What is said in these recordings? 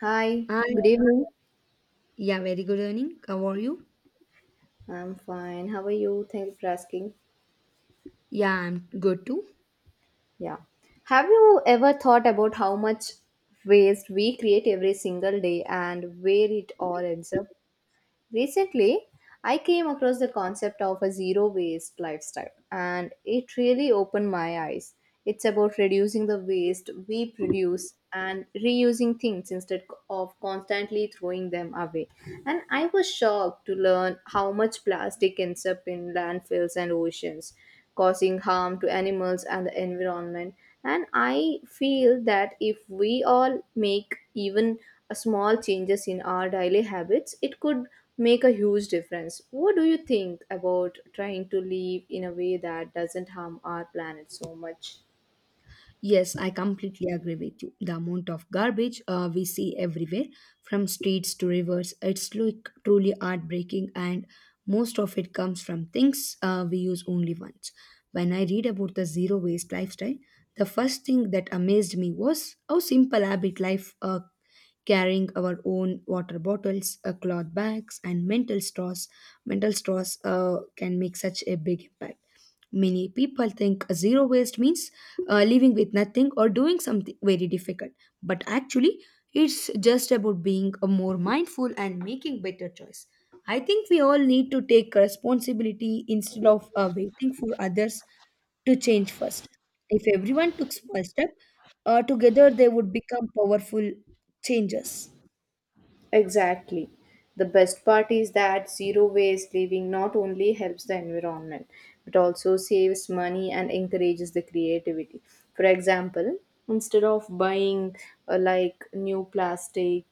Hi, And good evening. yeah, very good evening. How are you? I'm fine. How are you? Thank you for asking. Yeah, I'm good too. Yeah. Have you ever thought about how much waste we create every single day and where it all ends up? Recently, I came across the concept of a zero waste lifestyle and it really opened my eyes. It's about reducing the waste we produce and reusing things instead of constantly throwing them away. And I was shocked to learn how much plastic ends up in landfills and oceans causing harm to animals and the environment. And I feel that if we all make even a small changes in our daily habits, it could make a huge difference. What do you think about trying to live in a way that doesn't harm our planet so much? Yes, I completely agree with you. The amount of garbage we see everywhere, from streets to rivers, it's look truly heartbreaking, and most of it comes from things we use only once. When I read about the zero waste lifestyle, the first thing that amazed me was how simple habit life carrying our own water bottles, cloth bags, and mental straws. Mental straws can make such a big impact. Many people think zero waste means living with nothing or doing something very difficult, but actually, it's just about being a more mindful and making better choice. I think we all need to take responsibility instead of waiting for others to change first. If everyone took small step together, they would become powerful changes. Exactly. The best part is that zero waste living not only helps the environment but also saves money and encourages the creativity. For example, instead of buying like new plastic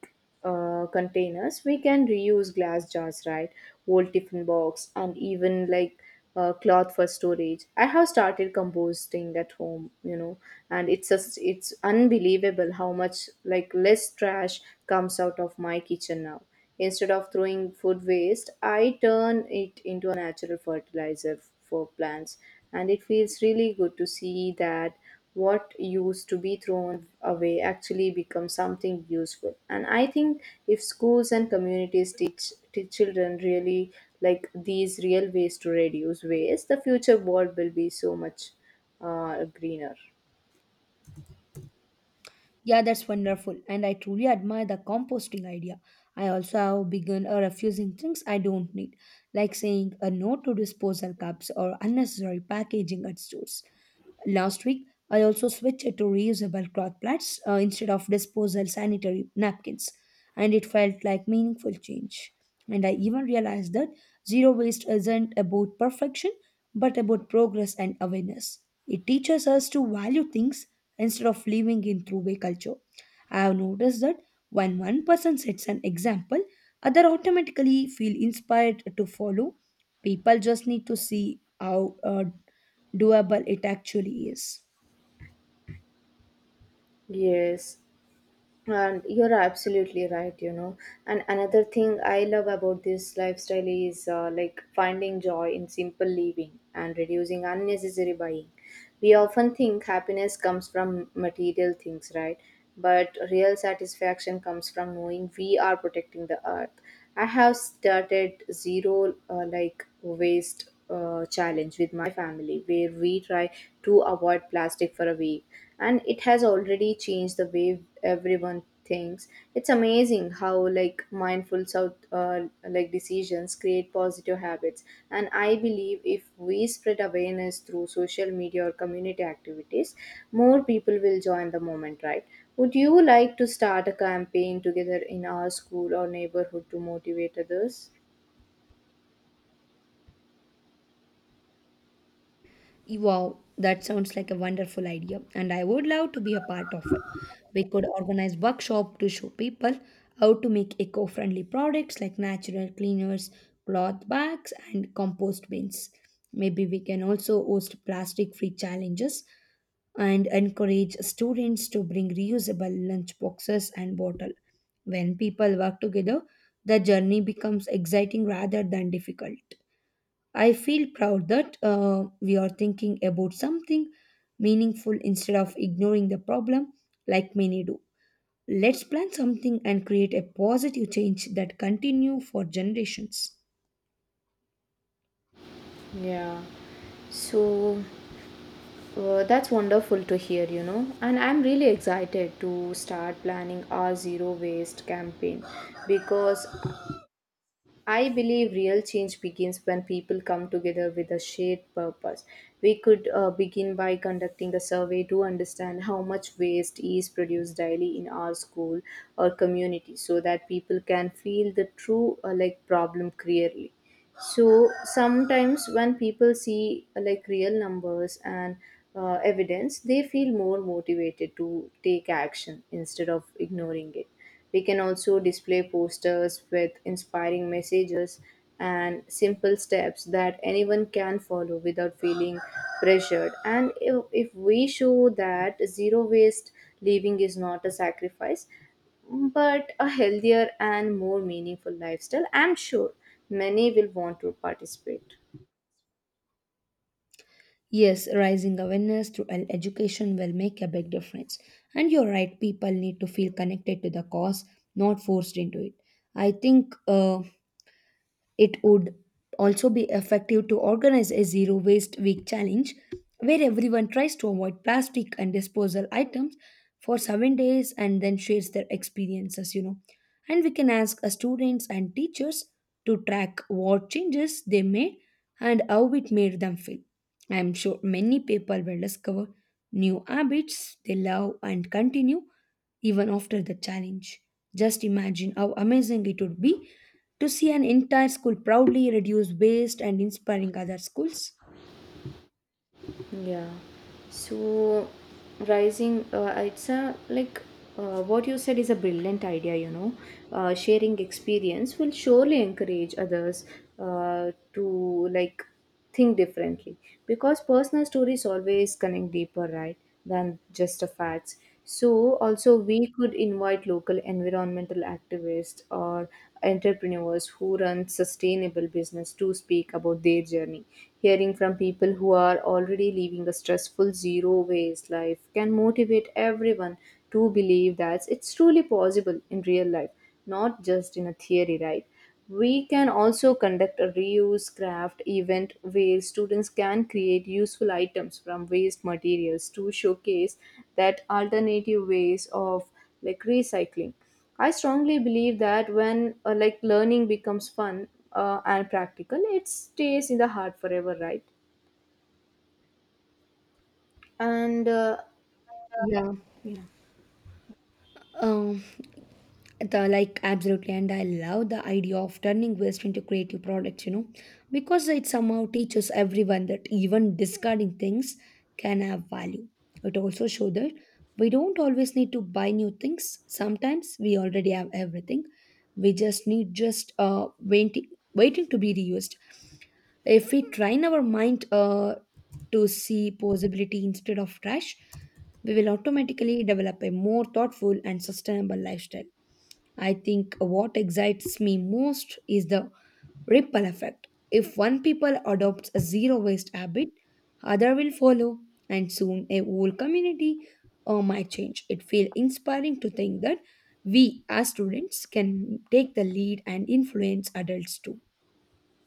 containers, we can reuse glass jars, right? Old tiffin box, and even like cloth for storage. I have started composting at home, and it's unbelievable how much like less trash comes out of my kitchen now. Instead of throwing food waste, I turn it into a natural fertilizer for plants, and it feels really good to see that what used to be thrown away actually becomes something useful. And I think if schools and communities teach children really like these real ways to reduce waste, the future world will be so much greener. Yeah, that's wonderful, and I truly admire the composting idea. I also have begun refusing things I don't need, like saying a no to disposal cups or unnecessary packaging at stores. Last week, I also switched to reusable cloth plates instead of disposal sanitary napkins, and it felt like meaningful change. And I even realized that zero waste isn't about perfection, but about progress and awareness. It teaches us to value things instead of living in throwaway culture. I have noticed that when one person sets an example, other automatically feel inspired to follow. People just need to see how doable it actually is. Yes, and you're absolutely right, and another thing I love about this lifestyle is like finding joy in simple living and reducing unnecessary buying. We often think happiness comes from material things, right? But real satisfaction comes from knowing we are protecting the earth. I have started zero like waste challenge with my family where we try to avoid plastic for a week, and it has already changed the way everyone thinks. It's amazing how like mindful south like decisions create positive habits. And I believe if we spread awareness through social media or community activities, more people will join the movement, right? Would you like to start a campaign together in our school or neighborhood to motivate others? Wow, that sounds like a wonderful idea, and I would love to be a part of it. We could organize workshop to show people how to make eco-friendly products like natural cleaners, cloth bags, and compost bins. Maybe we can also host plastic-free challenges and encourage students to bring reusable lunch boxes and bottle. When people work together, the journey becomes exciting rather than difficult. I feel proud that we are thinking about something meaningful instead of ignoring the problem like many do. Let's plan something and create a positive change that continue for generations. Yeah. so that's wonderful to hear, And I'm really excited to start planning our zero waste campaign because I believe real change begins when people come together with a shared purpose. We could begin by conducting a survey to understand how much waste is produced daily in our school or community so that people can feel the true like problem clearly. So sometimes when people see like real numbers and evidence, they feel more motivated to take action instead of ignoring it. We can also display posters with inspiring messages and simple steps that anyone can follow without feeling pressured. And if we show that zero waste living is not a sacrifice but a healthier and more meaningful lifestyle, I'm sure many will want to participate. Yes, raising awareness through education will make a big difference. And you're right, people need to feel connected to the cause, not forced into it. I think it would also be effective to organize a zero waste week challenge where everyone tries to avoid plastic and disposal items for 7 days and then shares their experiences, you know, and we can ask students and teachers to track what changes they made and how it made them feel. I am sure many people will discover new habits they love and continue even after the challenge. Just imagine how amazing it would be to see an entire school proudly reduce waste and inspiring other schools. Yeah. So, rising, it's a like what you said is a brilliant idea, Sharing experience will surely encourage others to like think differently because personal stories always connect deeper, right? Than just a facts. So also we could invite local environmental activists or entrepreneurs who run sustainable business to speak about their journey. Hearing from people who are already living a stressful zero waste life can motivate everyone to believe that it's truly possible in real life, not just in a theory, right? We can also conduct a reuse craft event where students can create useful items from waste materials to showcase that alternative ways of like recycling. I strongly believe that when like learning becomes fun and practical, it stays in the heart forever, right? And Yeah. yeah. Um, the like absolutely, and I love the idea of turning waste into creative products, you know, because it somehow teaches everyone that even discarding things can have value. It also shows that we don't always need to buy new things. Sometimes we already have everything. We just need just waiting to be reused. If we train our mind to see possibility instead of trash, we will automatically develop a more thoughtful and sustainable lifestyle. I think what excites me most is the ripple effect. If one people adopts a zero waste habit, other will follow, and soon a whole community might change. It feels inspiring to think that we as students can take the lead and influence adults too.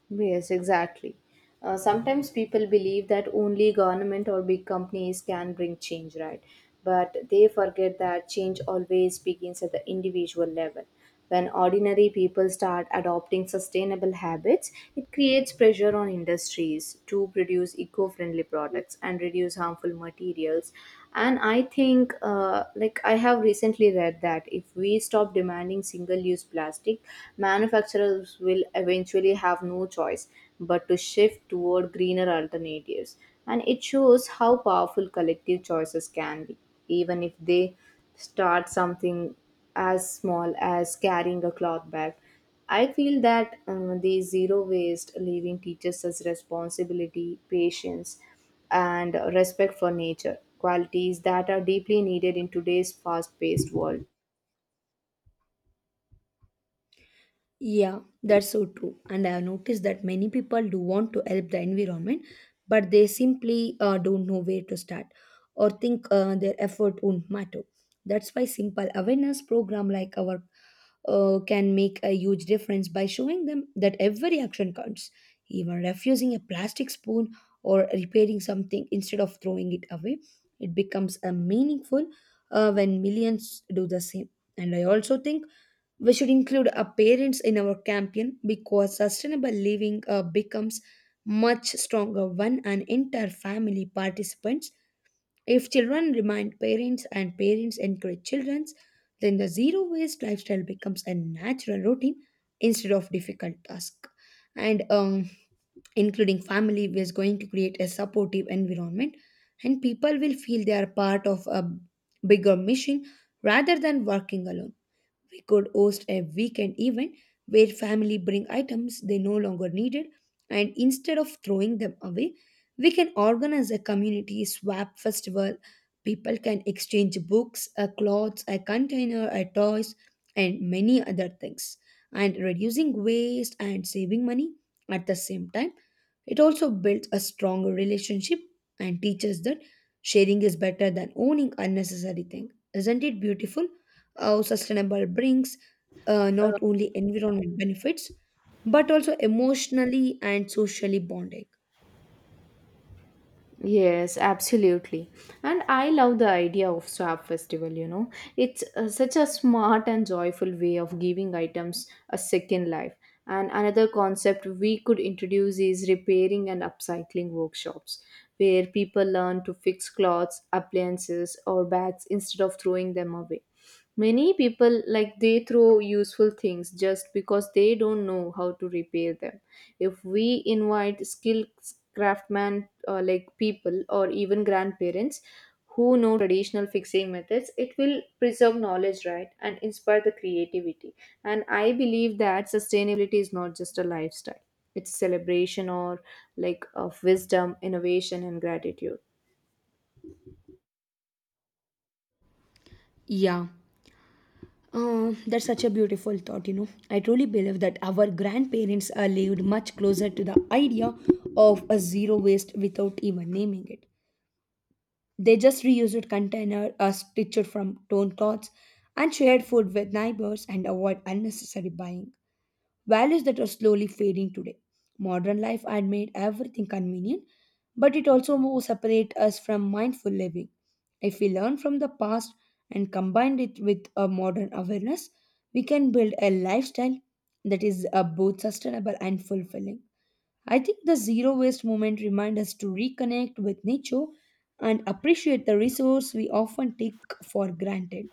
Yes, exactly. Sometimes people believe that only government or big companies can bring change, right? But they forget that change always begins at the individual level. When ordinary people start adopting sustainable habits, it creates pressure on industries to produce eco friendly products and reduce harmful materials. And I think, like, I have recently read that if we stop demanding single use plastic, cheap, manufacturers will eventually have no choice but to shift toward greener alternatives. And it shows how powerful collective choices can be, even if they start something as small as carrying a cloth bag. I feel that the zero waste living teaches us responsibility, patience, and respect for nature, qualities that are deeply needed in today's fast paced world. Yeah, that's so true. And I have noticed that many people do want to help the environment, but they simply don't know where to start or think their effort won't matter. That's why simple awareness program like our can make a huge difference by showing them that every action counts, even refusing a plastic spoon or repairing something instead of throwing it away. It becomes a meaningful when millions do the same. And I also think we should include our parents in our campaign because sustainable living becomes much stronger when an entire family participates. If children remind parents and parents encourage children, then the zero waste lifestyle becomes a natural routine instead of difficult task. And including family is going to create a supportive environment, and people will feel they are part of a bigger mission rather than working alone. We could host a weekend event where family bring items they no longer needed, and instead of throwing them away, we can organize a community swap festival. People can exchange books, a clothes, a container, a toys, and many other things. And reducing waste and saving money at the same time. It also builds a stronger relationship and teaches that sharing is better than owning unnecessary things. Isn't it beautiful? How sustainable brings not only environment benefits but also emotionally and socially bonding. Yes, absolutely. And I love the idea of swap festival, It's such a smart and joyful way of giving items a second life. And another concept we could introduce is repairing and upcycling workshops, where people learn to fix clothes, appliances, or bags instead of throwing them away. Many people like they throw useful things just because they don't know how to repair them. If we invite skilled craftsman like people or even grandparents who know traditional fixing methods, it will preserve knowledge, right, and inspire the creativity. And I believe that sustainability is not just a lifestyle; it's celebration or like of wisdom, innovation, and gratitude. Yeah. That's such a beautiful thought, you know. I truly believe that our grandparents are lived much closer to the idea of a zero waste without even naming it. They just reused container, stitched from torn cloths, and shared food with neighbors and avoid unnecessary buying. Values that are slowly fading today. Modern life had made everything convenient, but it also more separate us from mindful living. If we learn from the past and combine it with a modern awareness, we can build a lifestyle that is both sustainable and fulfilling. I think the zero waste movement reminds us to reconnect with nature and appreciate the resource we often take for granted.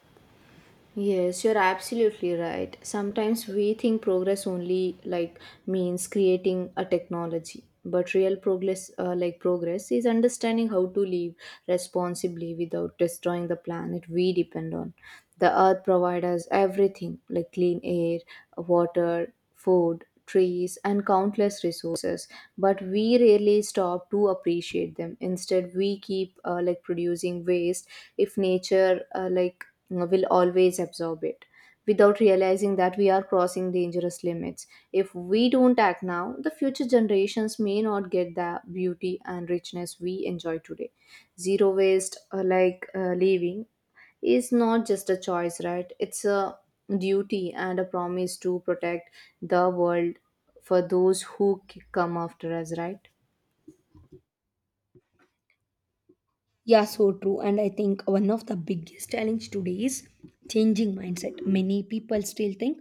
Yes, you're absolutely right. Sometimes we think progress only like means creating a technology, but real progress is understanding how to live responsibly without destroying the planet we depend on. The earth provides us everything like clean air, water, food, trees and countless resources, but we rarely stop to appreciate them. Instead we keep like producing waste if nature will always absorb it without realizing that we are crossing dangerous limits. If we don't act now, the future generations may not get the beauty and richness we enjoy today. Zero waste, living, is not just a choice, right? It's a duty and a promise to protect the world for those who come after us, right? Yeah, so true. And I think one of the biggest challenge today is changing mindset. Many people still think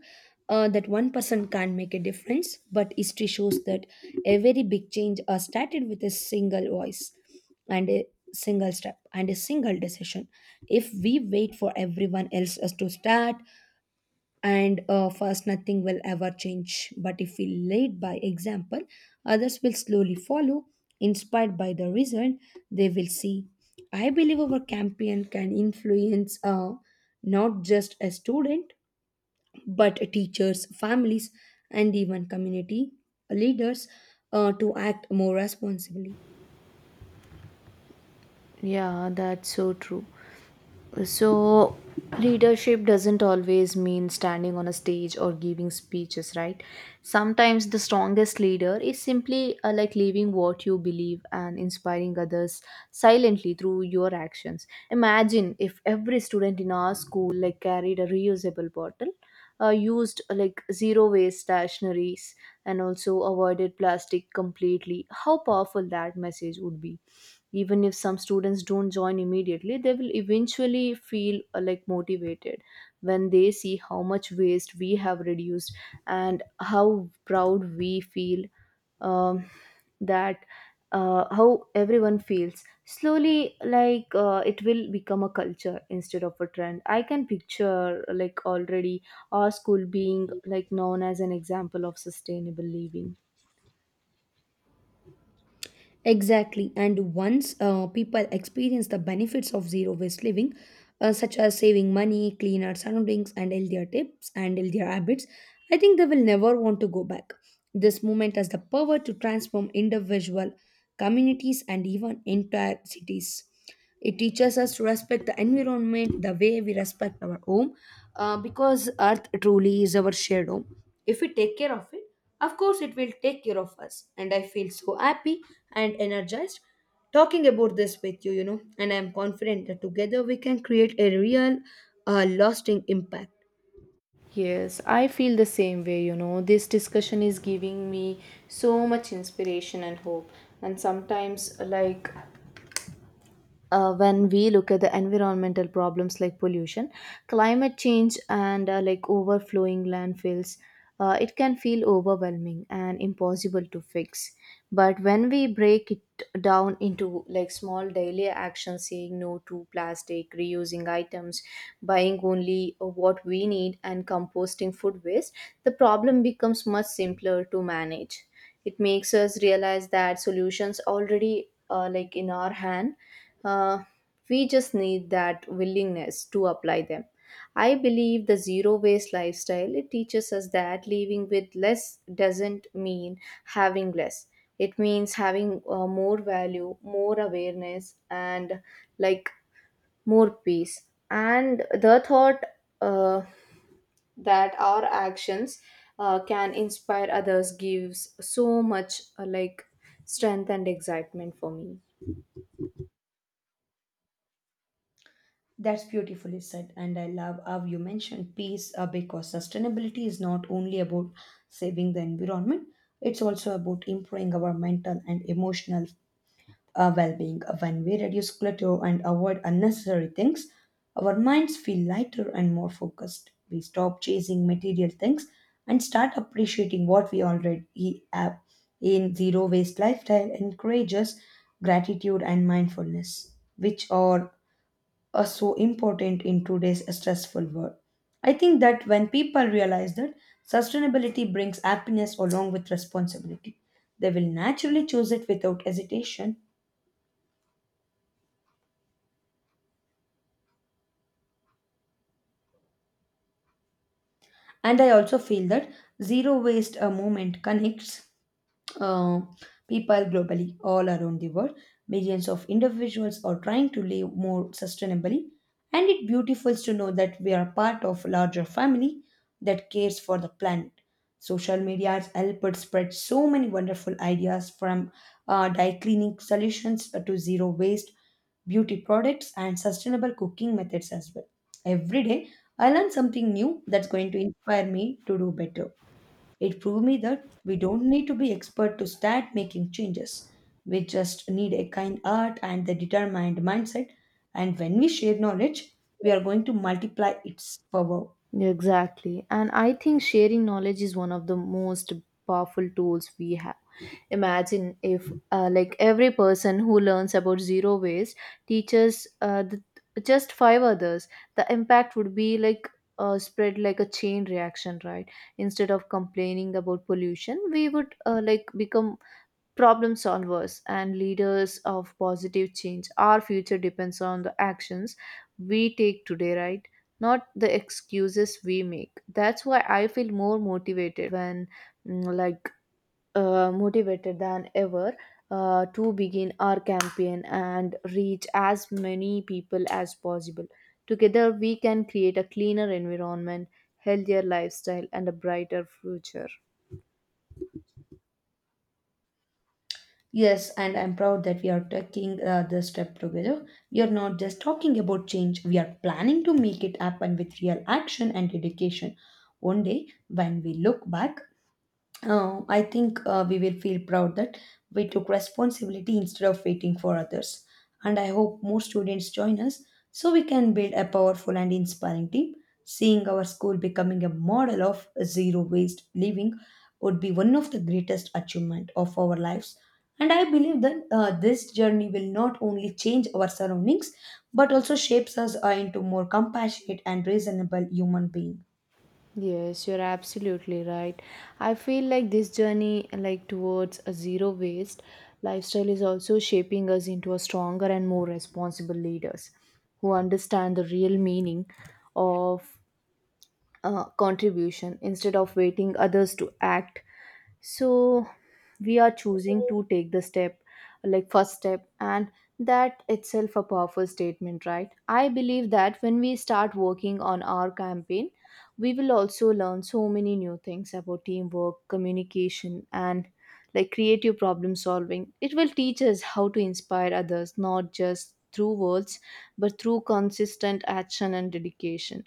that one person can't make a difference, but history shows that a very big change started with a single voice and a single step and a single decision. If we wait for everyone else us to start, and first nothing will ever change, but if we lead by example, others will slowly follow, inspired by the result they will see. I believe our campaign can influence not just a student but teachers, families, and even community leaders to act more responsibly. Yeah, that's so true. So, leadership doesn't always mean standing on a stage or giving speeches, right? Sometimes the strongest leader is simply like living what you believe and inspiring others silently through your actions. Imagine if every student in our school like carried a reusable bottle, used like zero waste stationaries, and also avoided plastic completely. How powerful that message would be! Even if some students don't join immediately, they will eventually feel like motivated when they see how much waste we have reduced and how proud we feel. Um, that How everyone feels slowly, like, it will become a culture instead of a trend. I can picture like already our school being like known as an example of sustainable living. Exactly. And once people experience the benefits of zero waste living, such as saving money, cleaner surroundings, and healthier tips and healthier habits, I think they will never want to go back. This movement has the power to transform individual communities and even entire cities. It teaches us to respect the environment the way we respect our home because earth truly is our shared home. If we take care of it, of course, it will take care of us. And I feel so happy and energized talking about this with you, you know. And I am confident that together we can create a real, lasting impact. Yes, I feel the same way, This discussion is giving me so much inspiration and hope. And sometimes, like, when we look at the environmental problems like pollution, climate change, and like overflowing landfills, it can feel overwhelming and impossible to fix. But when we break it down into like small daily actions, saying no to plastic, reusing items, buying only what we need, and composting food waste, the problem becomes much simpler to manage. It makes us realize that solutions already like in our hand. uh, we just need that willingness to apply them. I believe the zero waste lifestyle it teaches us that living with less doesn't mean having less. It means having more value, more awareness, and like more peace. And the thought uh, that our actions can inspire others gives so much like strength and excitement for me. That's beautifully said, and I love how you mentioned peace because sustainability is not only about saving the environment, it's also about improving our mental and emotional well being. When we reduce clutter and avoid unnecessary things, our minds feel lighter and more focused. We stop chasing material things and start appreciating what we already have. In zero waste lifestyle encourages gratitude and mindfulness, which are so important in today's stressful world. I think that when people realize that sustainability brings happiness along with responsibility, they will naturally choose it without hesitation. And I also feel that zero waste a movement connects uh, people globally all around the world. Millions of individuals are trying to live more sustainably, and it beautifuls to know that we are part of a larger family that cares for the planet. Social media has helped spread so many wonderful ideas, from dye cleaning solutions to zero waste beauty products and sustainable cooking methods as well. Every day I learn something new that's going to inspire me to do better. It proved me that we don't need to be expert to start making changes. We just need a kind heart and the determined mindset. And when we share knowledge, we are going to multiply its power. Exactly. And I think sharing knowledge is one of the most powerful tools we have. Imagine if, like, every person who learns about zero waste teaches just five others, the impact would be like spread like a chain reaction, right? Instead of complaining about pollution, we would like become problem solvers and leaders of positive change. Our future depends on the actions we take today, right? Not the excuses we make. That's why I feel more motivated when, mm, like, motivated than ever to begin our campaign and reach as many people as possible. Together, we can create a cleaner environment, healthier lifestyle, and a brighter future. Yes, and I'm proud that we are taking this step together. We are not just talking about change, we are planning to make it happen with real action and dedication. One day, when we look back, I think we will feel proud that we took responsibility instead of waiting for others. And I hope more students join us so we can build a powerful and inspiring team. Seeing our school becoming a model of zero waste living would be one of the greatest achievement of our lives. And I believe that this journey will not only change our surroundings but also shapes us into more compassionate and reasonable human being. Yes, you're absolutely right. I feel like this journey like towards a zero waste lifestyle is also shaping us into a stronger and more responsible leaders who understand the real meaning of contribution instead of waiting others to act, so we are choosing to take the step, like first step, and that itself a powerful statement, right? I believe that when we start working on our campaign, we will also learn so many new things about teamwork, communication, and like creative problem solving. It will teach us how to inspire others not just through words, but through consistent action and dedication.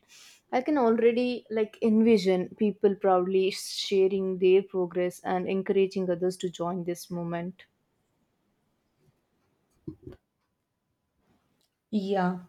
I can already like envision people proudly sharing their progress and encouraging others to join this movement. Yeah,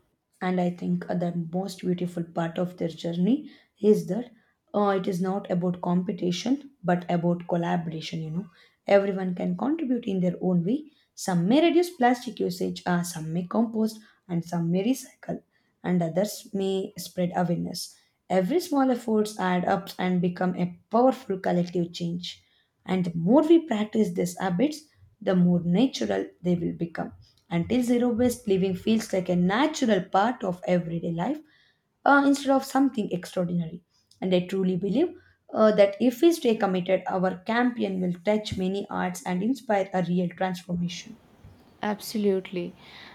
and I think the most beautiful part of their journey is that it is not about competition but about collaboration. You know, everyone can contribute in their own way. Some may reduce plastic usage, some may compost, and some may recycle, and others may spread awareness. Every small efforts add up and become a powerful collective change. And the more we practice these habits, the more natural they will become. Until zero waste living feels like a natural part of everyday life instead of something extraordinary. And I truly believe that if we stay committed, our campaign will touch many hearts and inspire a real transformation. Absolutely.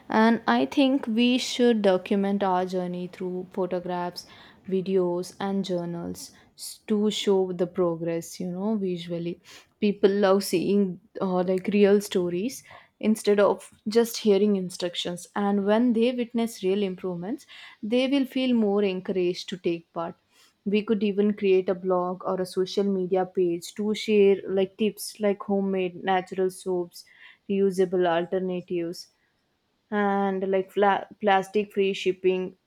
And I think we should document our journey through photographs, videos, and journals to show the progress, you know, visually. People love seeing like real stories instead of just hearing instructions. And when they witness real improvements, they will feel more encouraged to take part. We could even create a blog or a social media page to share like tips like homemade natural soaps, reusable alternatives, and like plastic free shipping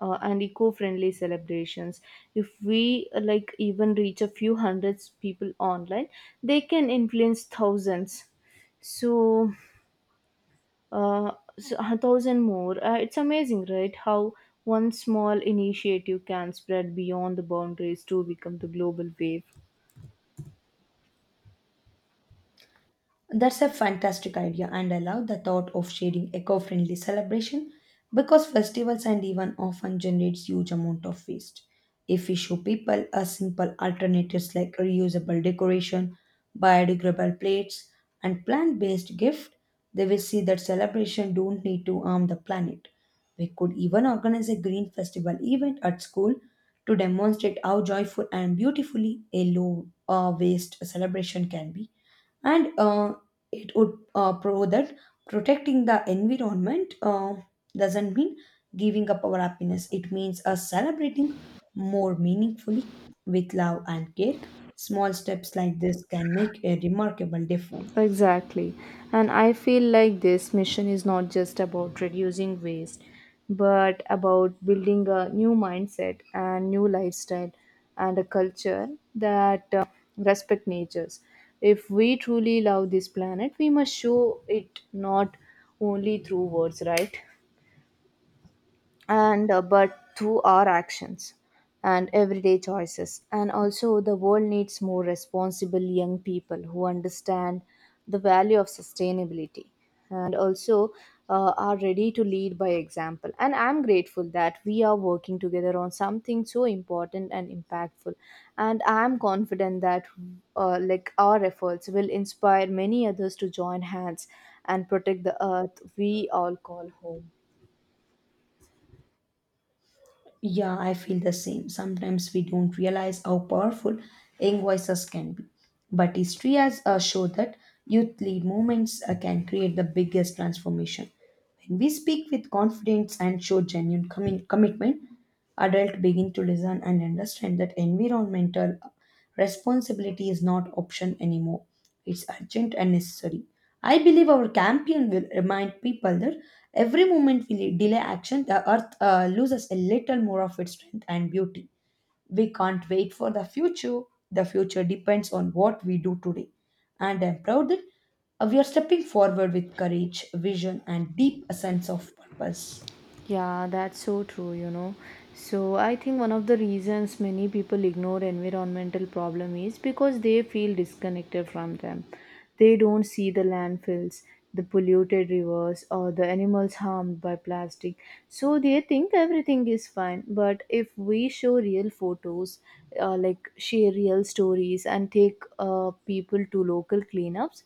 and eco-friendly celebrations. If we like even reach a few hundreds people online, they can influence thousands, so uh, a thousand more. It's amazing, right? How one small initiative can spread beyond the boundaries to become the global wave. That's a fantastic idea, and I love the thought of sharing eco-friendly celebration because festivals and even often generates huge amount of waste. If we show people a simple alternatives like reusable decoration, biodegradable plates, and plant-based gift, they will see that celebration don't need to harm the planet. We could even organize a green festival event at school to demonstrate how joyful and beautifully a low waste celebration can be and it would prove that protecting the environment doesn't mean giving up our happiness. It means us celebrating more meaningfully, with love and care. Small steps like this can make a remarkable difference. Exactly. And I feel like this mission is not just about reducing waste, but about building a new mindset and new lifestyle and a culture that respect natures. If we truly love this planet, we must show it not only through words, right? And but through our actions and everyday choices. And also the world needs more responsible young people who understand the value of sustainability, and also are ready to lead by example. And I'm grateful that we are working together on something so important and impactful, and I'm confident that like our efforts will inspire many others to join hands and protect the earth we all call home. Yeah, I feel the same. Sometimes we don't realize how powerful young voices can be, but history has showed that youth lead movements can create the biggest transformation. When we speak with confidence and show genuine commitment, adults begin to listen and understand that environmental responsibility is not option anymore. It's urgent and necessary. I believe our campaign will remind people that every moment we delay action, the earth loses a little more of its strength and beauty. We can't wait for the future. The future depends on what we do today. And I'm proud that we are stepping forward with courage, vision, and deep sense of purpose. Yeah, that's so true, you know. So I think one of the reasons many people ignore environmental problem is because they feel disconnected from them. They don't see the landfills, the polluted rivers, or the animals harmed by plastic. So they think everything is fine, but if we show real photos, like share real stories and take people to local cleanups,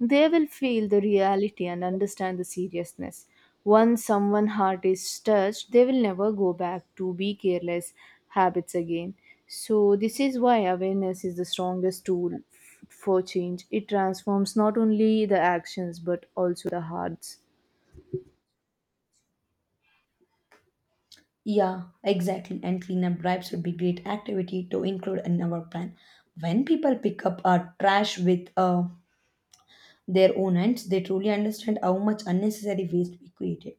they will feel the reality and understand the seriousness. Once someone's heart is touched, they will never go back to be careless habits again. So, this is why awareness is the strongest tool for change. It transforms not only the actions but also the hearts. Yeah, exactly. And cleanup drives would be great activity to include in our plan. When people pick up trash with their own ends, they truly understand how much unnecessary waste we created.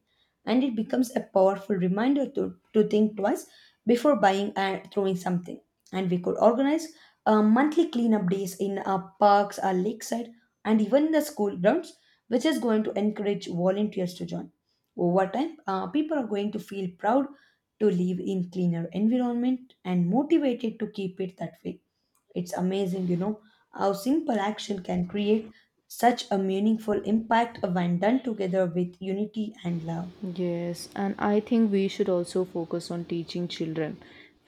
And it becomes a powerful reminder to think twice before buying and throwing something. And we could organize monthly cleanup days in our parks, our lakeside, and even the school grounds, which is going to encourage volunteers to join. Over time, people are going to feel proud to live in cleaner environment and motivated to keep it that way. It's amazing, you know, how simple action can create such a meaningful impact when done together with unity and love. Yes, and I think we should also focus on teaching children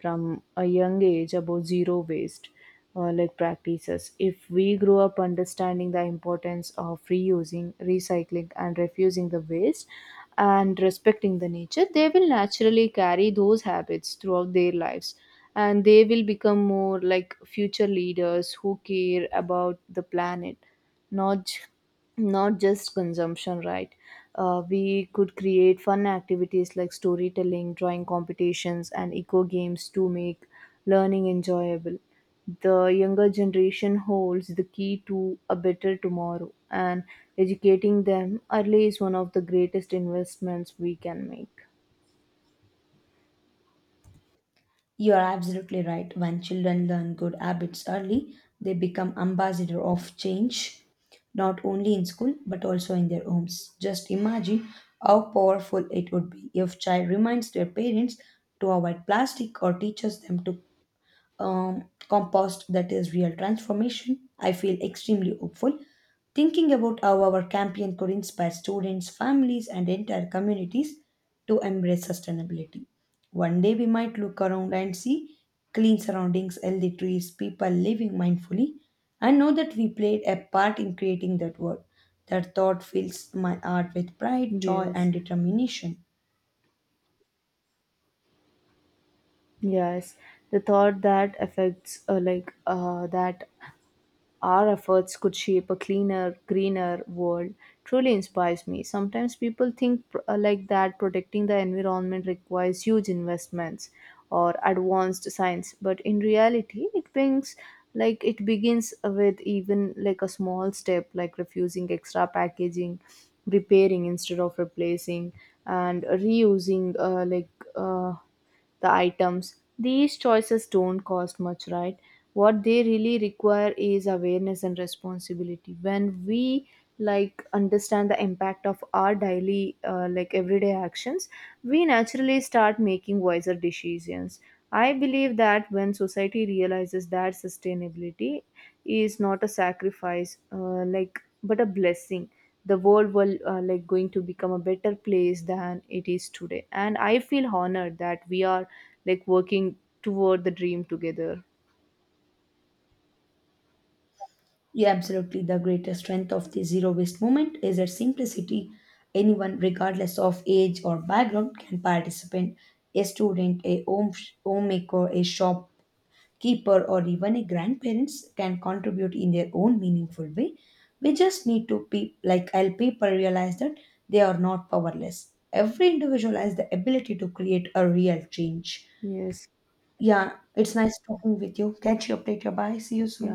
from a young age about zero waste like practices. If we grow up understanding the importance of reusing, recycling, and refusing the waste and respecting the nature, they will naturally carry those habits throughout their lives, and they will become more like future leaders who care about the planet, not not just consumption, right? We could create fun activities like storytelling, drawing competitions, and eco games to make learning enjoyable. The younger generation holds the key to a better tomorrow, and educating them early is one of the greatest investments we can make. You are absolutely right. When children learn good habits early, they become ambassador of change, not only in school but also in their homes. Just imagine how powerful it would be if child reminds their parents to avoid plastic or teaches them to um, compost. That is real transformation. I feel extremely hopeful thinking about how our campaign could inspire students, families, and entire communities to embrace sustainability. One day we might look around and see clean surroundings, healthy trees, people living mindfully, and know that we played a part in creating that world. That thought fills my heart with pride, joy, Yes. and determination. Yes. The thought that affects that our efforts could shape a cleaner, greener world truly inspires me. Sometimes people think like that protecting the environment requires huge investments or advanced science, but in reality, it brings, like it begins with even like a small step like refusing extra packaging, repairing instead of replacing, and reusing uh, the items. These choices don't cost much, right? What they really require is awareness and responsibility. When we like understand the impact of our daily like everyday actions, we naturally start making wiser decisions. I believe that when society realizes that sustainability is not a sacrifice, like but a blessing, the world will like going to become a better place than it is today. And I feel honored that we are like working toward the dream together. Yeah, absolutely. The greatest strength of the zero waste movement is its simplicity. Anyone, regardless of age or background, can participate. A student, a homemaker, a shopkeeper, or even a grandparents can contribute in their own meaningful way. We just need to be like help people realize that they are not powerless. Every individual has the ability to create a real change. Yes. Yeah, it's nice talking with you. Catch you up later. Bye. See you Yeah. soon.